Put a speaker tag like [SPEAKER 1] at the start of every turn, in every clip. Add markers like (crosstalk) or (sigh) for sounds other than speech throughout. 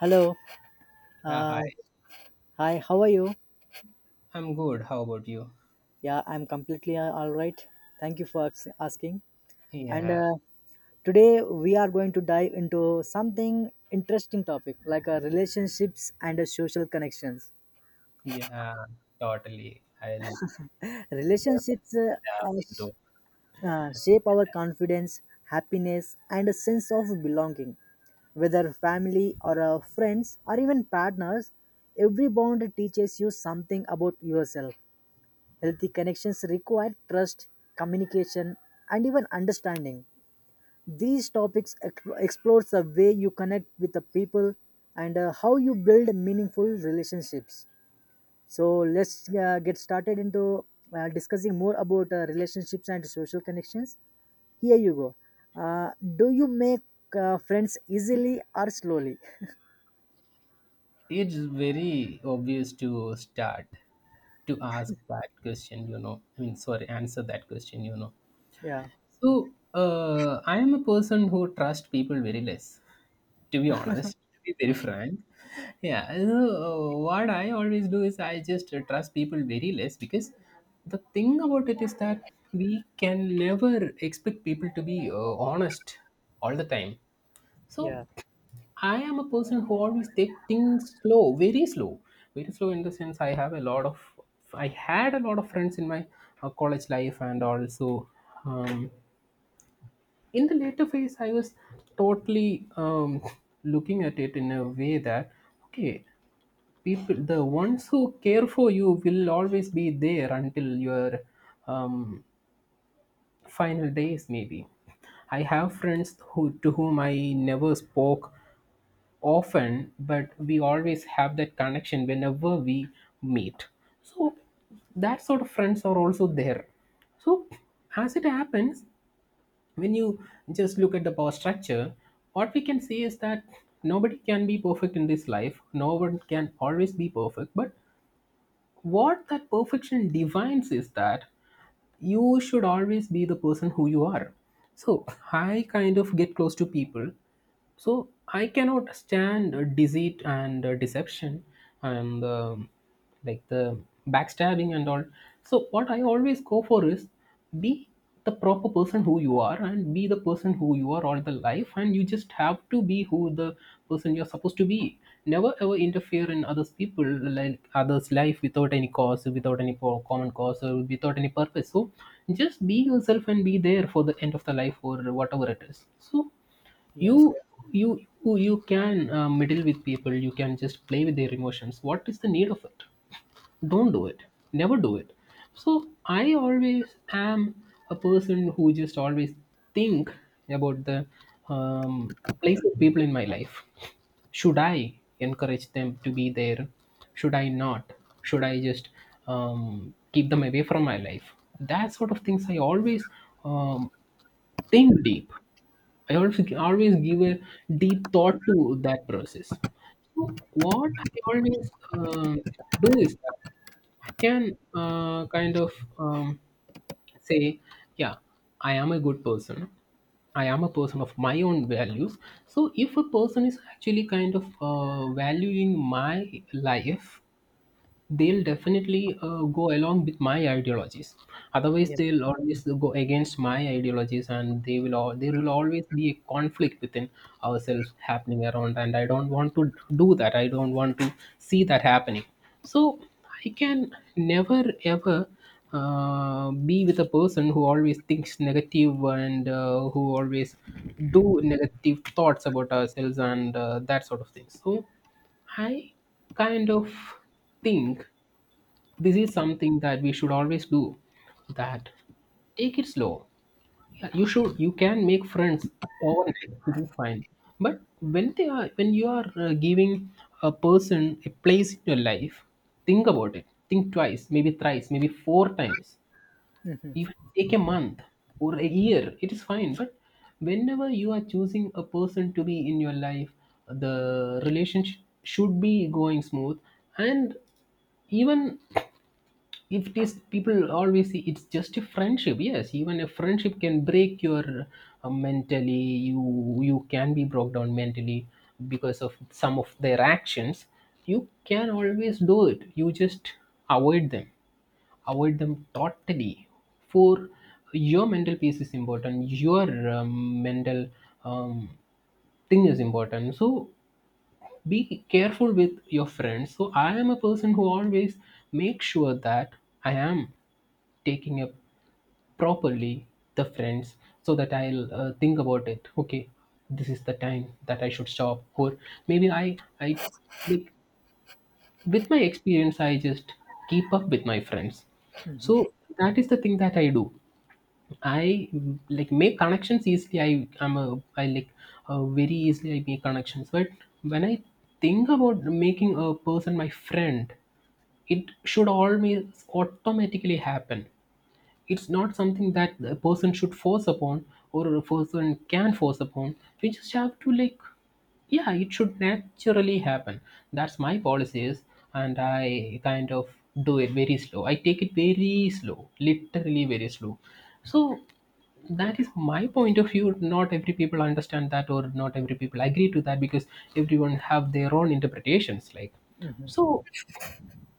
[SPEAKER 1] Hello.
[SPEAKER 2] Yeah,
[SPEAKER 1] Uh,
[SPEAKER 2] hi.
[SPEAKER 1] Hi, how are you?
[SPEAKER 2] I'm good. How about you?
[SPEAKER 1] Yeah, I'm completely all right. Thank you for asking. And
[SPEAKER 2] Yeah,
[SPEAKER 1] Today we are going to dive into something interesting topic like relationships and social connections.
[SPEAKER 2] yeah, totally. I'll
[SPEAKER 1] Relationships uh, uh,
[SPEAKER 2] have
[SPEAKER 1] sh-
[SPEAKER 2] to.
[SPEAKER 1] Shape our confidence, happiness, and a sense of belonging. Whether family or friends or even partners, every bond teaches you something about yourself. Healthy connections require trust, communication, and even understanding. These topics explores the way you connect with the people and how you build meaningful relationships. So let's get started into discussing more about relationships and social connections. Here you go. Do you make friends easily or slowly?
[SPEAKER 2] It's very obvious to start to ask that question, you know. I mean, sorry, answer that question, you know.
[SPEAKER 1] Yeah,
[SPEAKER 2] So, I am a person who trusts people very less. To be honest, to be very frank. Yeah, so, what I always do is I just trust people very less, because the thing about it is that we can never expect people to be honest all the time. So
[SPEAKER 1] yeah,
[SPEAKER 2] I am a person who always take things slow, very slow, very slow, in the sense I have a lot of, I had a lot of friends in my college life and also. Um, in the later phase I was totally (laughs) looking at it in a way that, okay, people, the ones who care for you will always be there until your um, final days, maybe. I have friends who, to whom I never spoke often, but we always have that connection whenever we meet. So that sort of friends are also there. So as it happens, when you just look at the power structure, what we can see is that nobody can be perfect in this life. No one can always be perfect. But what that perfection defines is that you should always be the person who you are. So I kind of get close to people, so I cannot stand deceit and deception, and like the backstabbing and all. So what I always go for is be the proper person who you are, and be the person who you are all the life, and you just have to be who the person you're supposed to be. Never ever interfere in others people, like others life, without any cause, without any common cause, or without any purpose. So just be yourself and be there for the end of the life or whatever it is. So
[SPEAKER 1] yeah,
[SPEAKER 2] you you you can meddle with people, you can just play with their emotions. What is the need of it? Don't do it. Never do it. So I always am a person who just always think about the um, place of people in my life. Should I encourage them to be there? Should I not? Should I just keep them away from my life? That sort of things I always um, think deep. I always give a deep thought to that process. So what I always um, do is, I can kind of um, say, yeah, I am a good person. I am a person of my own values. So if a person is actually kind of valuing my life, they'll definitely go along with my ideologies, otherwise
[SPEAKER 1] yeah.
[SPEAKER 2] they'll always go against my ideologies, and they will all, there will always be a conflict within ourselves happening around. And I don't want to do that, I don't want to see that happening. So I can never ever be with a person who always thinks negative, and who always do negative thoughts about ourselves, and that sort of thing. So I kind of think this is something that we should always do, that take it slow. Yeah, you should, you can make friends overnight, it is fine. But when they are, when you are giving a person a place in your life, think about it, think twice, maybe thrice, maybe four times, even take a month or a year, it is fine. But whenever you are choosing a person to be in your life, the relationship should be going smooth. And even if it is, people always see it's just a friendship. Yes, even a friendship can break your mentally, you can be broke down mentally because of some of their actions. You can always do it, you just avoid them, avoid them totally. For your mental peace is important, your mental um, thing is important. So be careful with your friends. So I am a person who always make sure that I am taking up properly the friends, so that I'll think about it. Okay, this is the time that I should stop, or maybe I like, with my experience, I just keep up with my friends. So that is the thing that I do. I like make connections easily. I am a, I like very easily I make connections. But when I think about making a person my friend, it should always automatically happen. It's not something that a person should force upon, or a person can force upon. We just have to like, yeah, it should naturally happen. That's my policy is. And I kind of do it very slow, I take it very slow, literally very slow. So that is my point of view. Not every people understand that, or not every people agree to that, because everyone have their own interpretations, like. So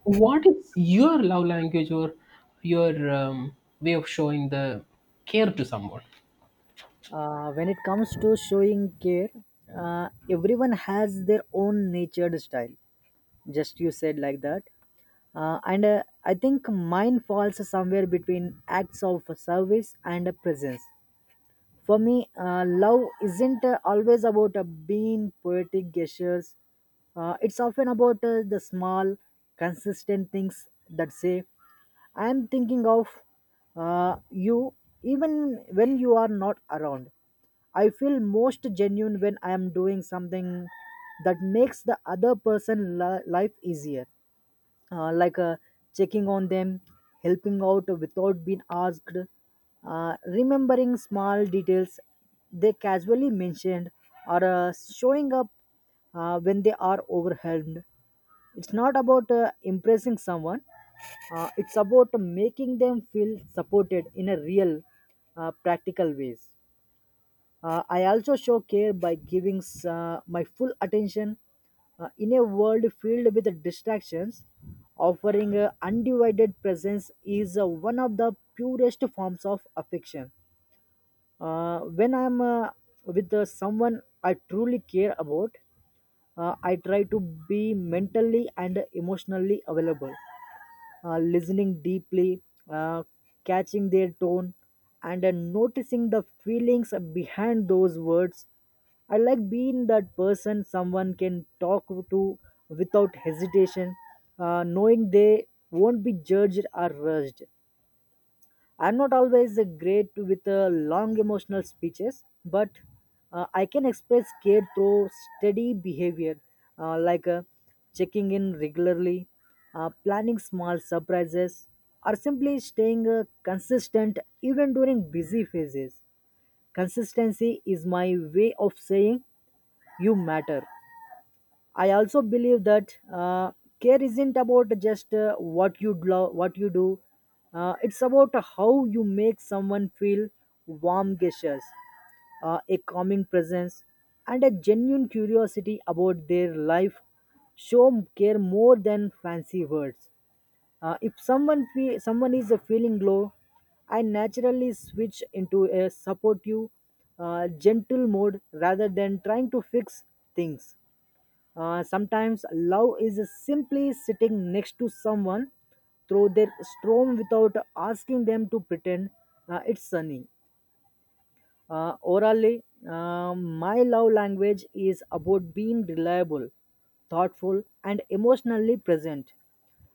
[SPEAKER 2] what is your love language, or your way of showing the care to someone?
[SPEAKER 1] When it comes to showing care, everyone has their own natured style. Just you said like that. And I think mine falls somewhere between acts of service and presence. For me, love isn't always about being poetic gestures. It's often about the small, consistent things that say, I am thinking of you even when you are not around. I feel most genuine when I am doing something that makes the other person life easier like checking on them, helping out without being asked, remembering small details they casually mentioned, or showing up when they are overwhelmed. It's not about impressing someone, it's about making them feel supported in a real, practical ways. I also show care by giving my full attention in a world filled with distractions. Offering undivided presence is one of the purest forms of affection. When I am with someone I truly care about, I try to be mentally and emotionally available, listening deeply, uh, catching their tone, and noticing the feelings behind those words. I like being that person someone can talk to without hesitation, knowing they won't be judged or rushed. I'm not always great with long emotional speeches, but I can express care through steady behavior, like checking in regularly, planning small surprises, or simply staying consistent even during busy phases. Consistency is my way of saying you matter. I also believe that care isn't about just what you do. It's about how you make someone feel warm gestures, a calming presence, and a genuine curiosity about their life. Show care more than fancy words. If someone is feeling low, I naturally switch into a supportive, gentle mode rather than trying to fix things. Sometimes love is simply sitting next to someone through their storm without asking them to pretend it's sunny. Orally, my love language is about being reliable, thoughtful, and emotionally present.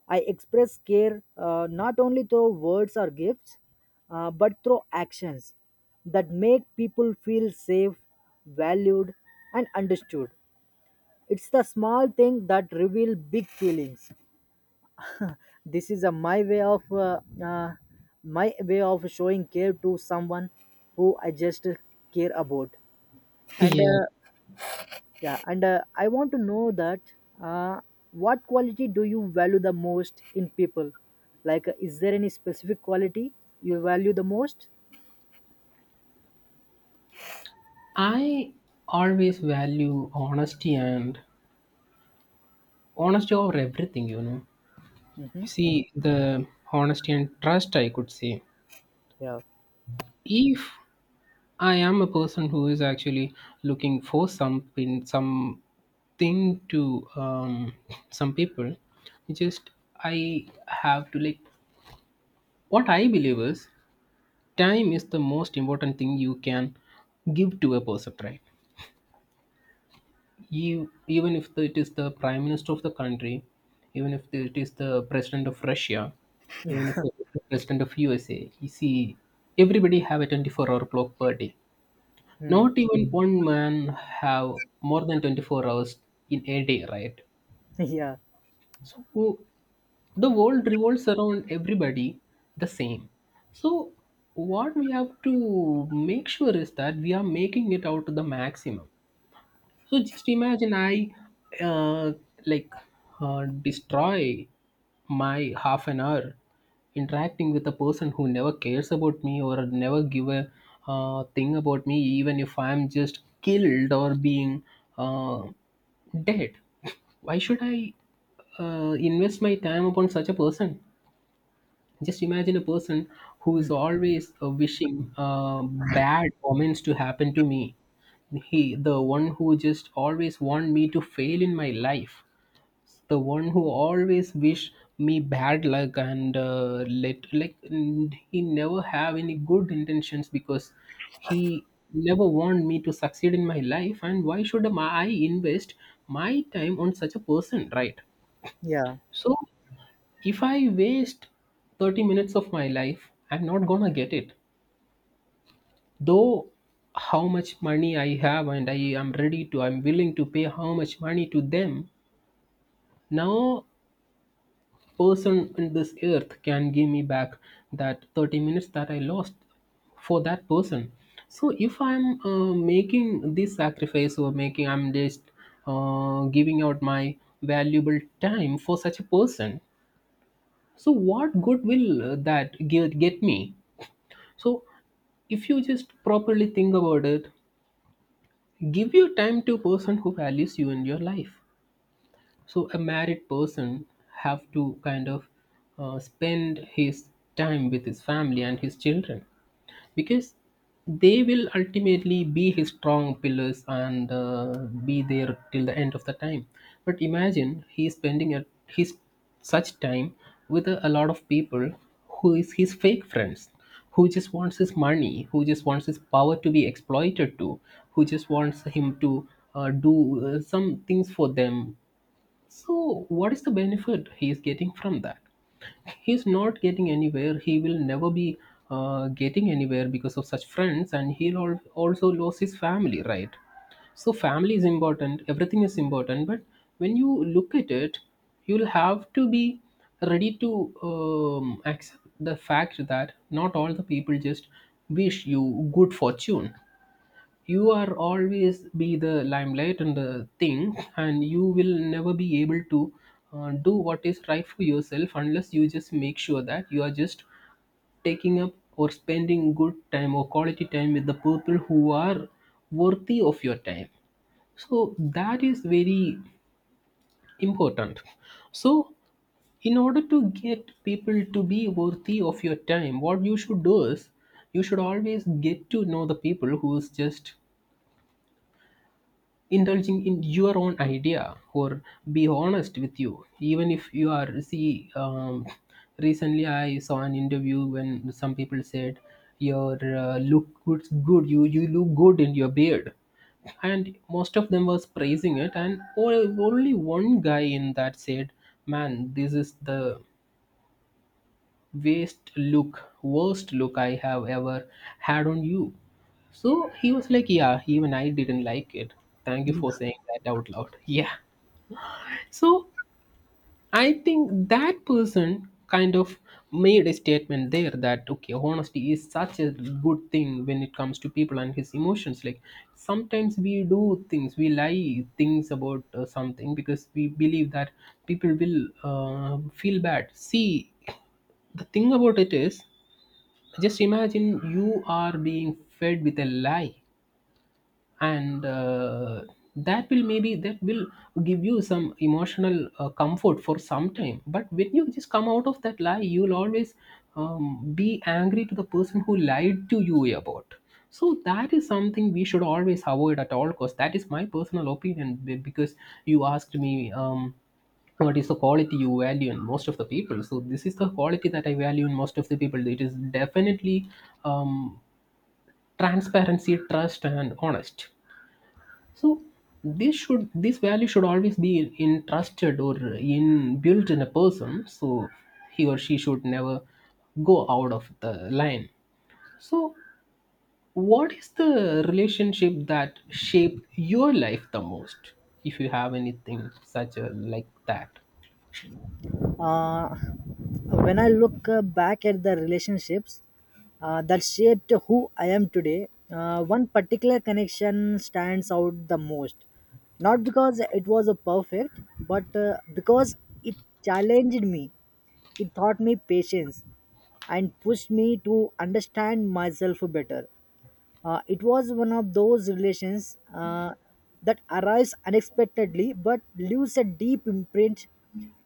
[SPEAKER 1] I express care not only through words or gifts, but through actions that make people feel safe, valued, and understood. It's the small thing that reveal big feelings. This is a uh, my way of showing care to someone who I just care about. And
[SPEAKER 2] Yeah,
[SPEAKER 1] Yeah, and I want to know that uh, what quality do you value the most in people? Like, is there any specific quality you value the most?
[SPEAKER 2] I always value honesty, and honesty over everything, you know.
[SPEAKER 1] Hmm.
[SPEAKER 2] See, the honesty and trust, I could say.
[SPEAKER 1] Yeah.
[SPEAKER 2] If I am a person who is actually looking for something, something to some people, just I have to like, what I believe is, time is the most important thing you can give to a person, right? You, even if the, it is the prime minister of the country, even if it is the president of Russia, even if
[SPEAKER 1] (laughs)
[SPEAKER 2] it is the president of USA, you see, everybody have a 24-hour clock per day.
[SPEAKER 1] Hmm.
[SPEAKER 2] Not even one man have more than 24 hours in a day, right?
[SPEAKER 1] Yeah.
[SPEAKER 2] So the world revolves around everybody the same. So what we have to make sure is that we are making it out to the maximum. So just imagine I uh, like destroy my half an hour interacting with a person who never cares about me, or never give a thing about me, even if I'm just killed or being uh, dead. (laughs) Why should I invest my time upon such a person? Just imagine a person who is always wishing bad omens to happen to me. He, the one who just always want me to fail in my life. The one who always wish me bad luck, and let, like he never have any good intentions, because he never want me to succeed in my life. And why should I invest my time on such a person, right?
[SPEAKER 1] Yeah.
[SPEAKER 2] So if I waste 30 minutes of my life, I'm not gonna get it. Though how much money I have, and I am ready to, I'm willing to pay how much money to them, no person in this earth can give me back that 30 minutes that I lost for that person. So if I'm making this sacrifice, or making, I'm just giving out my valuable time for such a person. So what good will that give, get me? So if you just properly think about it, give your time to a person who values you in your life. So a married person have to kind of spend his time with his family and his children, because they will ultimately be his strong pillars, and be there till the end of the time. But imagine he is spending a, his such time with a lot of people who is his fake friends, who just wants his money, who just wants his power to be exploited, to who just wants him to do some things for them. So, what is the benefit he is getting from that? He's not getting anywhere. He will never be getting anywhere because of such friends, and he'll also lose his family, right? So, family is important, everything is important, but when you look at it, you'll have to be ready to accept the fact that not all the people just wish you good fortune. You are always be the limelight and the thing, and you will never be able to do what is right for yourself unless you just make sure that you are just taking up or spending good time or quality time with the people who are worthy of your time. So that is very important. So in order to get people to be worthy of your time, what you should do is you should always get to know the people who's just indulging in your own idea or be honest with you, even if you are see recently I saw an interview when some people said your look good, you look good in your beard, and most of them was praising it, and only one guy in that said, "Man, this is the waste look worst look I have ever had on you." So he was like, "Yeah, even I didn't like it. Thank you for saying that out loud." (laughs) Yeah. So I think that person kind of made a statement there that okay, honesty is such a good thing when it comes to people and his emotions. Like sometimes we do things, we lie things about something, because we believe that people will feel bad. See, the thing about it is just imagine you are being fed with a lie, and that will, maybe that will give you some emotional comfort for some time, but when you just come out of that lie, you'll always be angry to the person who lied to you about. So that is something we should always avoid at all costs. That is my personal opinion, because you asked me, what is the quality you value in most of the people? So this is the quality that I value in most of the people. It is definitely um, transparency, trust, and honest. So this should, this value should always be entrusted or in built in a person. So he or she should never go out of the line. So what is the relationship that shaped your life the most? If you have anything such a like that.
[SPEAKER 1] Uh, when I look back at the relationships that shaped who I am today, one particular connection stands out the most. Not because it was a perfect, but because it challenged me. It taught me patience and pushed me to understand myself better. It was one of those relations that arise unexpectedly but leaves a deep imprint,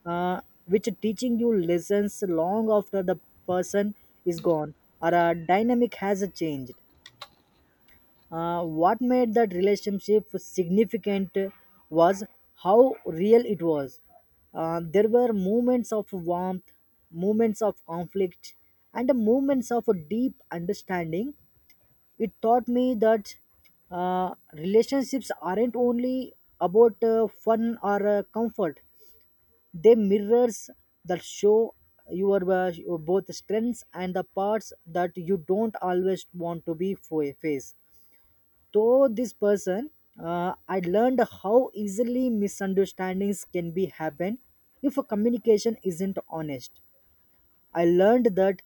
[SPEAKER 1] uh, which teaching you lessons long after the person is gone or a dynamic has changed. What made that relationship significant was how real it was. There were moments of warmth, moments of conflict, and moments of a deep understanding. It taught me that relationships aren't only about fun or comfort. They mirrors that show your both strengths and the parts that you don't always want to be face. Through this person, I learned how easily misunderstandings can be happen if a communication isn't honest. I learned that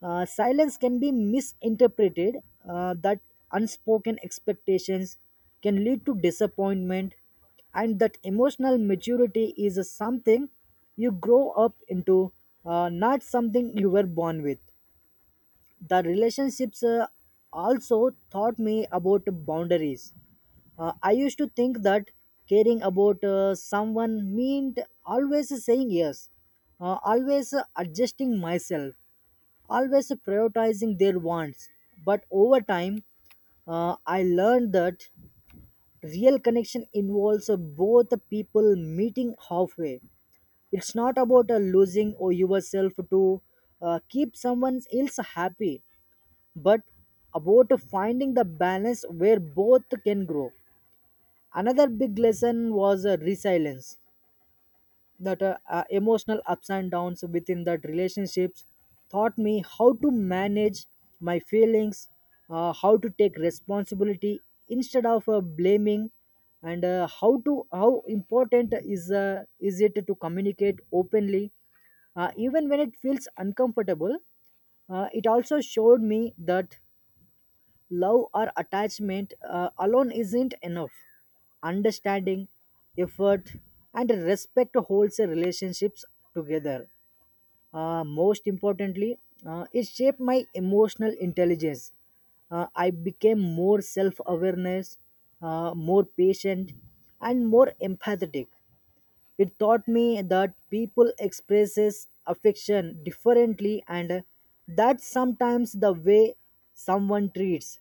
[SPEAKER 1] silence can be misinterpreted, that unspoken expectations can lead to disappointment, and that emotional maturity is a something you grow up into, not something you were born with. The relationships also taught me about boundaries. I used to think that caring about someone meant always saying yes, always adjusting myself, always prioritizing their wants. But over time, I learned that real connection involves both the people meeting halfway. It's not about losing or yourself to keep someone else happy, but about finding the balance where both can grow. Another big lesson was resilience, that emotional ups and downs within that relationships taught me how to manage my feelings, how to take responsibility instead of blaming, and how to how important is it to communicate openly even when it feels uncomfortable. It also showed me that love or attachment alone isn't enough. Understanding, effort, and respect holds the relationships together. Most importantly, it shaped my emotional intelligence. I became more self awareness, more patient, and more empathetic. It taught me that people expresses affection differently and that sometimes the way someone treats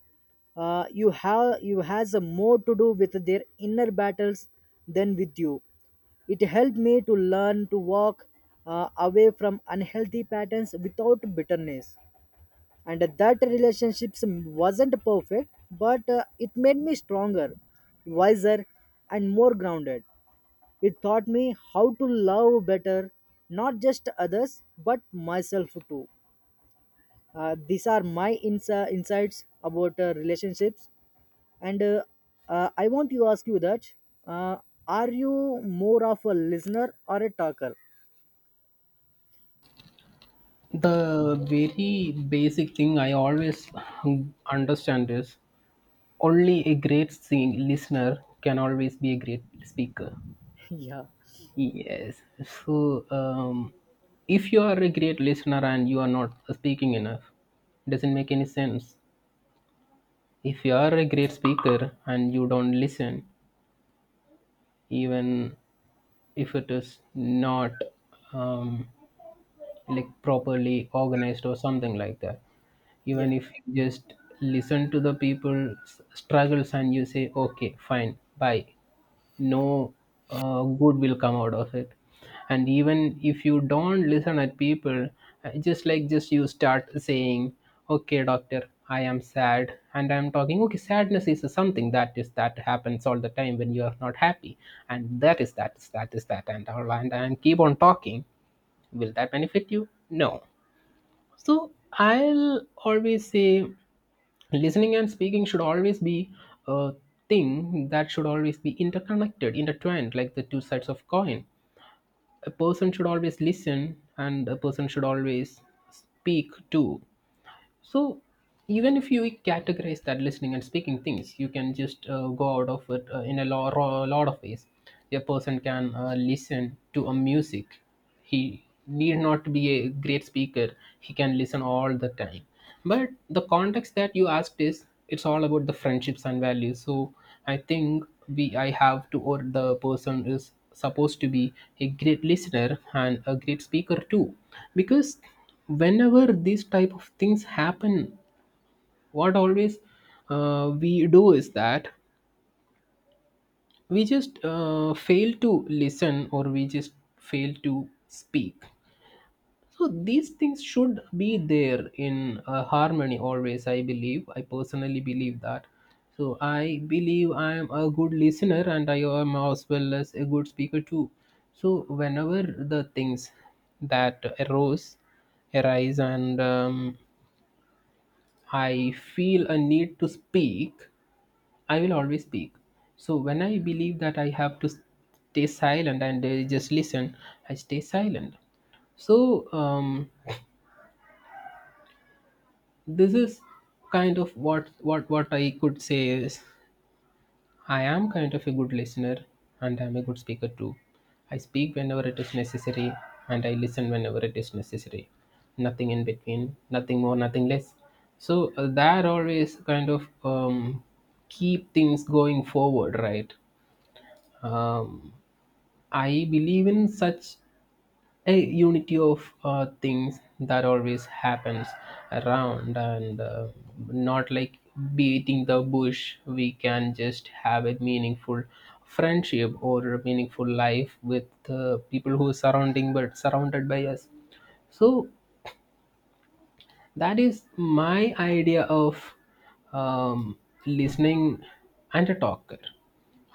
[SPEAKER 1] you have you has a more to do with their inner battles than with you. It helped me to learn to walk away from unhealthy patterns without bitterness. And that relationships wasn't perfect, but it made me stronger, wiser, and more grounded. It taught me how to love better, not just others, but myself too. These are my insights about relationships. And I want to ask you that uh, are you more of a listener or a talker?
[SPEAKER 2] The very basic thing I always understand is only a great listener can always be a great speaker.
[SPEAKER 1] (laughs) yeah,
[SPEAKER 2] Yes. So, if you are a great listener and you are not speaking enough, doesn't make any sense. If you are a great speaker and you don't listen, even if it is not um, like properly organized or something like that,
[SPEAKER 1] yeah,
[SPEAKER 2] even if you just listen to the people's struggles and you say, okay, fine, bye, no good will come out of it. And even if you don't listen at people, just like just you start saying, okay doctor I am sad and I'm talking, okay sadness is something that is that happens all the time when you are not happy, and that and all, and keep on talking, will that benefit you? No. So I'll always say listening and speaking should always be a thing that should always be interconnected, intertwined, like the two sides of coin. A person should always listen, and a person should always speak too. So even if you categorize that listening and speaking things, you can just go out of it in a lot of ways. A person can listen to a music, he need not be a great speaker, he can listen all the time. But the context that you asked is it's all about the friendships and values. So I think we I have to, or the person is supposed to be a great listener and a great speaker too, because whenever these type of things happen, what always we do is that we just fail to listen, or we just fail to speak. So these things should be there in harmony always, I believe, I personally believe that. So I believe I am a good listener, and I am as well as a good speaker too. So whenever the things that arose arise, and I feel a need to speak, I will always speak. So when I believe that I have to stay silent and just listen, I stay silent. So this is kind of what I could say is I am kind of a good listener, and I'm a good speaker too. I speak whenever it is necessary, and I listen whenever it is necessary. Nothing in between, nothing more, nothing less. So that always kind of keep things going forward, right? Um, I believe in such a unity of things that always happens around, and not like beating the bush. We can just have a meaningful friendship or a meaningful life with people who are surrounding but surrounded by us. So that is my idea of um, listening and a talker.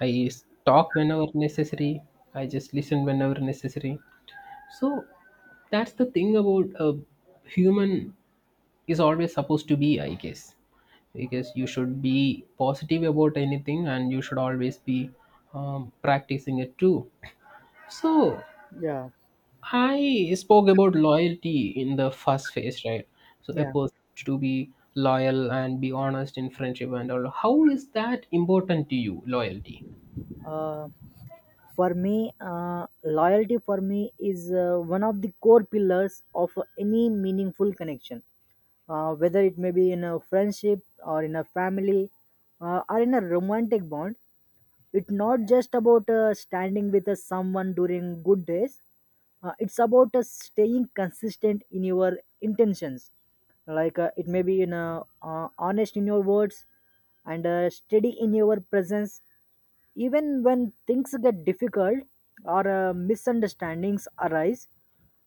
[SPEAKER 2] Talk whenever necessary, I just listen whenever necessary. So that's the thing about a human is always supposed to be, I guess, because you should be positive about anything, and you should always be practicing it too. So
[SPEAKER 1] yeah,
[SPEAKER 2] I spoke about loyalty in the first phase, right? So a
[SPEAKER 1] yeah.
[SPEAKER 2] person to be loyal and be honest in friendship and all. How is that important to you, loyalty?
[SPEAKER 1] Uh, for me, loyalty for me is one of the core pillars of any meaningful connection, whether it may be in a friendship or in a family or in a romantic bond. It's not just about standing with someone during good days, it's about staying consistent in your intentions, like it may be in honest in your words and steady in your presence even when things get difficult or misunderstandings arise.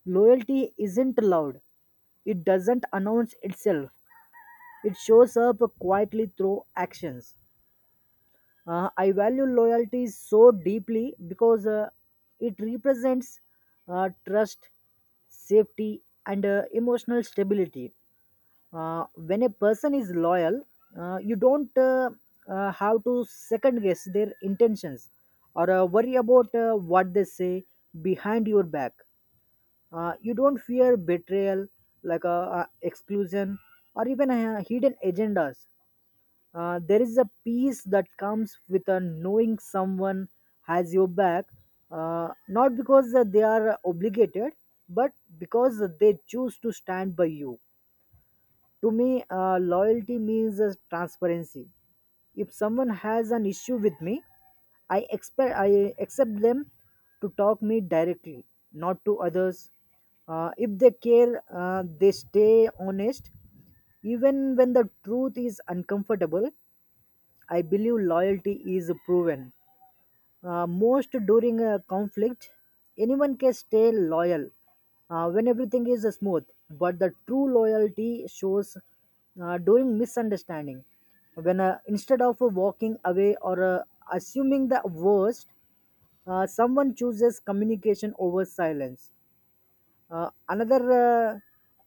[SPEAKER 1] Loyalty isn't loud. It doesn't announce itself. It shows up quietly through actions. I value loyalty so deeply because it represents trust, safety, and emotional stability. When a person is loyal, you don't have to second guess their intentions or worry about what they say behind your back. You don't fear betrayal like exclusion or even hidden agendas. There is a peace that comes with knowing someone has your back, not because they are obligated but because they choose to stand by you. To me, loyalty means transparency. If someone has an issue with me, I expect I accept them to talk me directly, not to others. If they care, they stay honest even when the truth is uncomfortable. I believe loyalty is proven most during a conflict. Anyone can stay loyal when everything is smooth, but the true loyalty shows during misunderstanding. When, instead of walking away or assuming the worst, someone chooses communication over silence. Another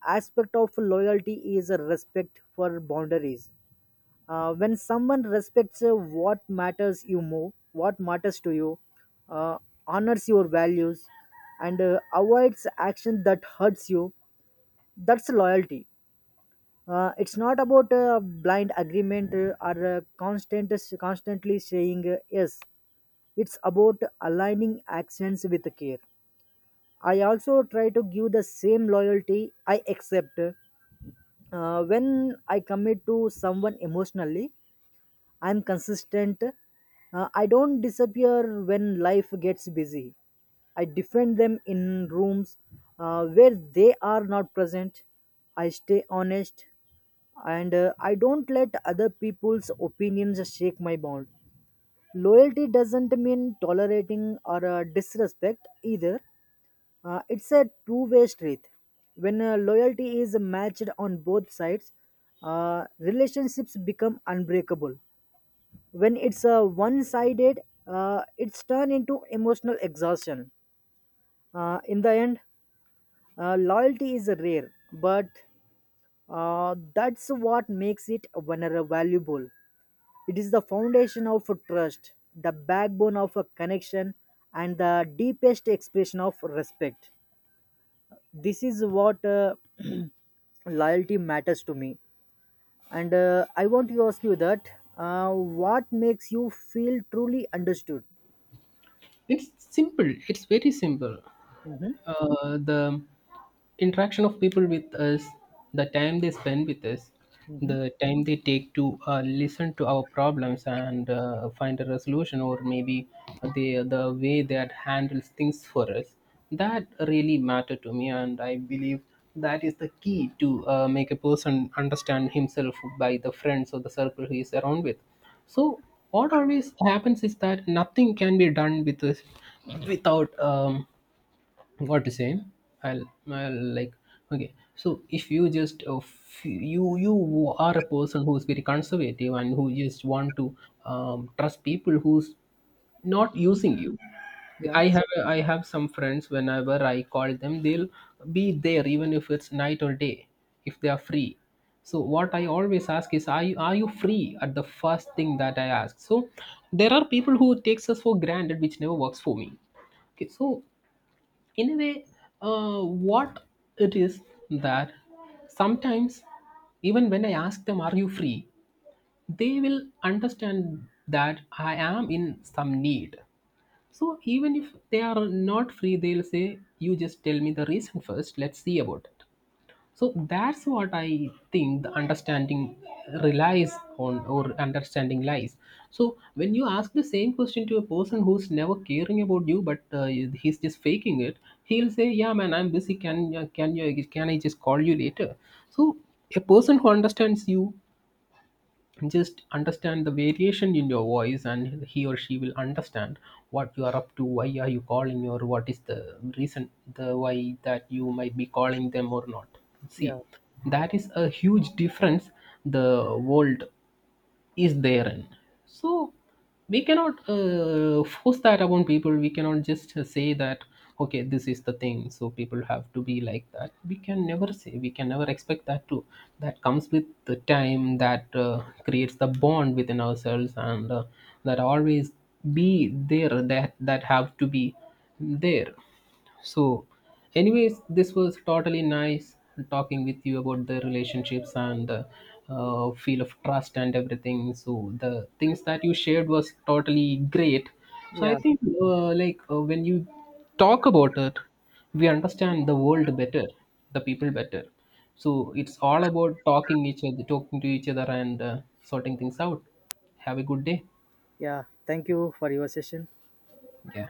[SPEAKER 1] aspect of loyalty is a respect for boundaries. When someone respects what matters to you, uh, honors your values, and avoids action that hurts you, that's loyalty. It's not about blind agreement or constantly saying yes. It's about aligning actions with care. I also try to give the same loyalty I accept. When I commit to someone emotionally, I'm consistent. I don't disappear when life gets busy. I defend them in rooms where they are not present. I stay honest and I don't let other people's opinions shake my bond. Loyalty doesn't mean tolerating or disrespect either. It's a two-way street. When loyalty is matched on both sides, relationships become unbreakable. When it's one sided, it's turned into emotional exhaustion. In the end, loyalty is rare, but that's what makes it vulnerable valuable. It is the foundation of a trust, the backbone of a connection, and the deepest expression of respect. This is what (clears throat) loyalty matters to me. And I want to ask you that what makes you feel truly understood?
[SPEAKER 2] It's simple. It's very simple.
[SPEAKER 1] Mhm.
[SPEAKER 2] The interaction of people with us, the time they spend with us,
[SPEAKER 1] Mhm.
[SPEAKER 2] the time they take to listen to our problems and find a resolution, or maybe the way that handles things for us, that really matter to me, and I believe that is the key to make a person understand himself by the friends or the circle he is around with. So what always happens is that nothing can be done with us without what to say. i'll, I'll like, okay, so if you just you, you are a person who's very conservative and who just want to trust people who's not using you.
[SPEAKER 1] Yeah,
[SPEAKER 2] I have some friends, whenever I call them, they'll be there, even if it's night or day, if they are free. So what I always ask is, are you, are you free, at the first thing that I ask. So there are people who takes us for granted, which never works for me. Okay, so in a way, what it is, that sometimes even when I ask them are you free, they will understand that I am in some need. So even if they are not free, they'll say, you just tell me the reason first, let's see about it. So that's what I think the understanding relies on, or understanding lies. So when you ask the same question to a person who's never caring about you, but he's just faking it, he'll say, "Yeah, man, I'm busy. Can you, can I just call you later?" So a person who understands you just understand the variation in your voice, and he or she will understand what you are up to, why are you calling, or what is the reason, the why that you might be calling them or not. See,
[SPEAKER 1] yeah,
[SPEAKER 2] that is a huge difference. The world is therein. So we cannot force that upon people. We cannot just say that okay, this is the thing, so people have to be like that. We can never say, we can never expect that to. That comes with the time. That creates the bond within ourselves, and that always be there. That have to be there. So, anyways, this was totally nice talking with you about the relationships and the feel of trust and everything. So, the things that you shared was totally great. So, I
[SPEAKER 1] yeah,
[SPEAKER 2] think like when you talk about it, we understand the world better, the people better. So, it's all about talking to each other, and sorting things out. Have a good day.
[SPEAKER 1] yeah. Thank you for your session.
[SPEAKER 2] Yeah.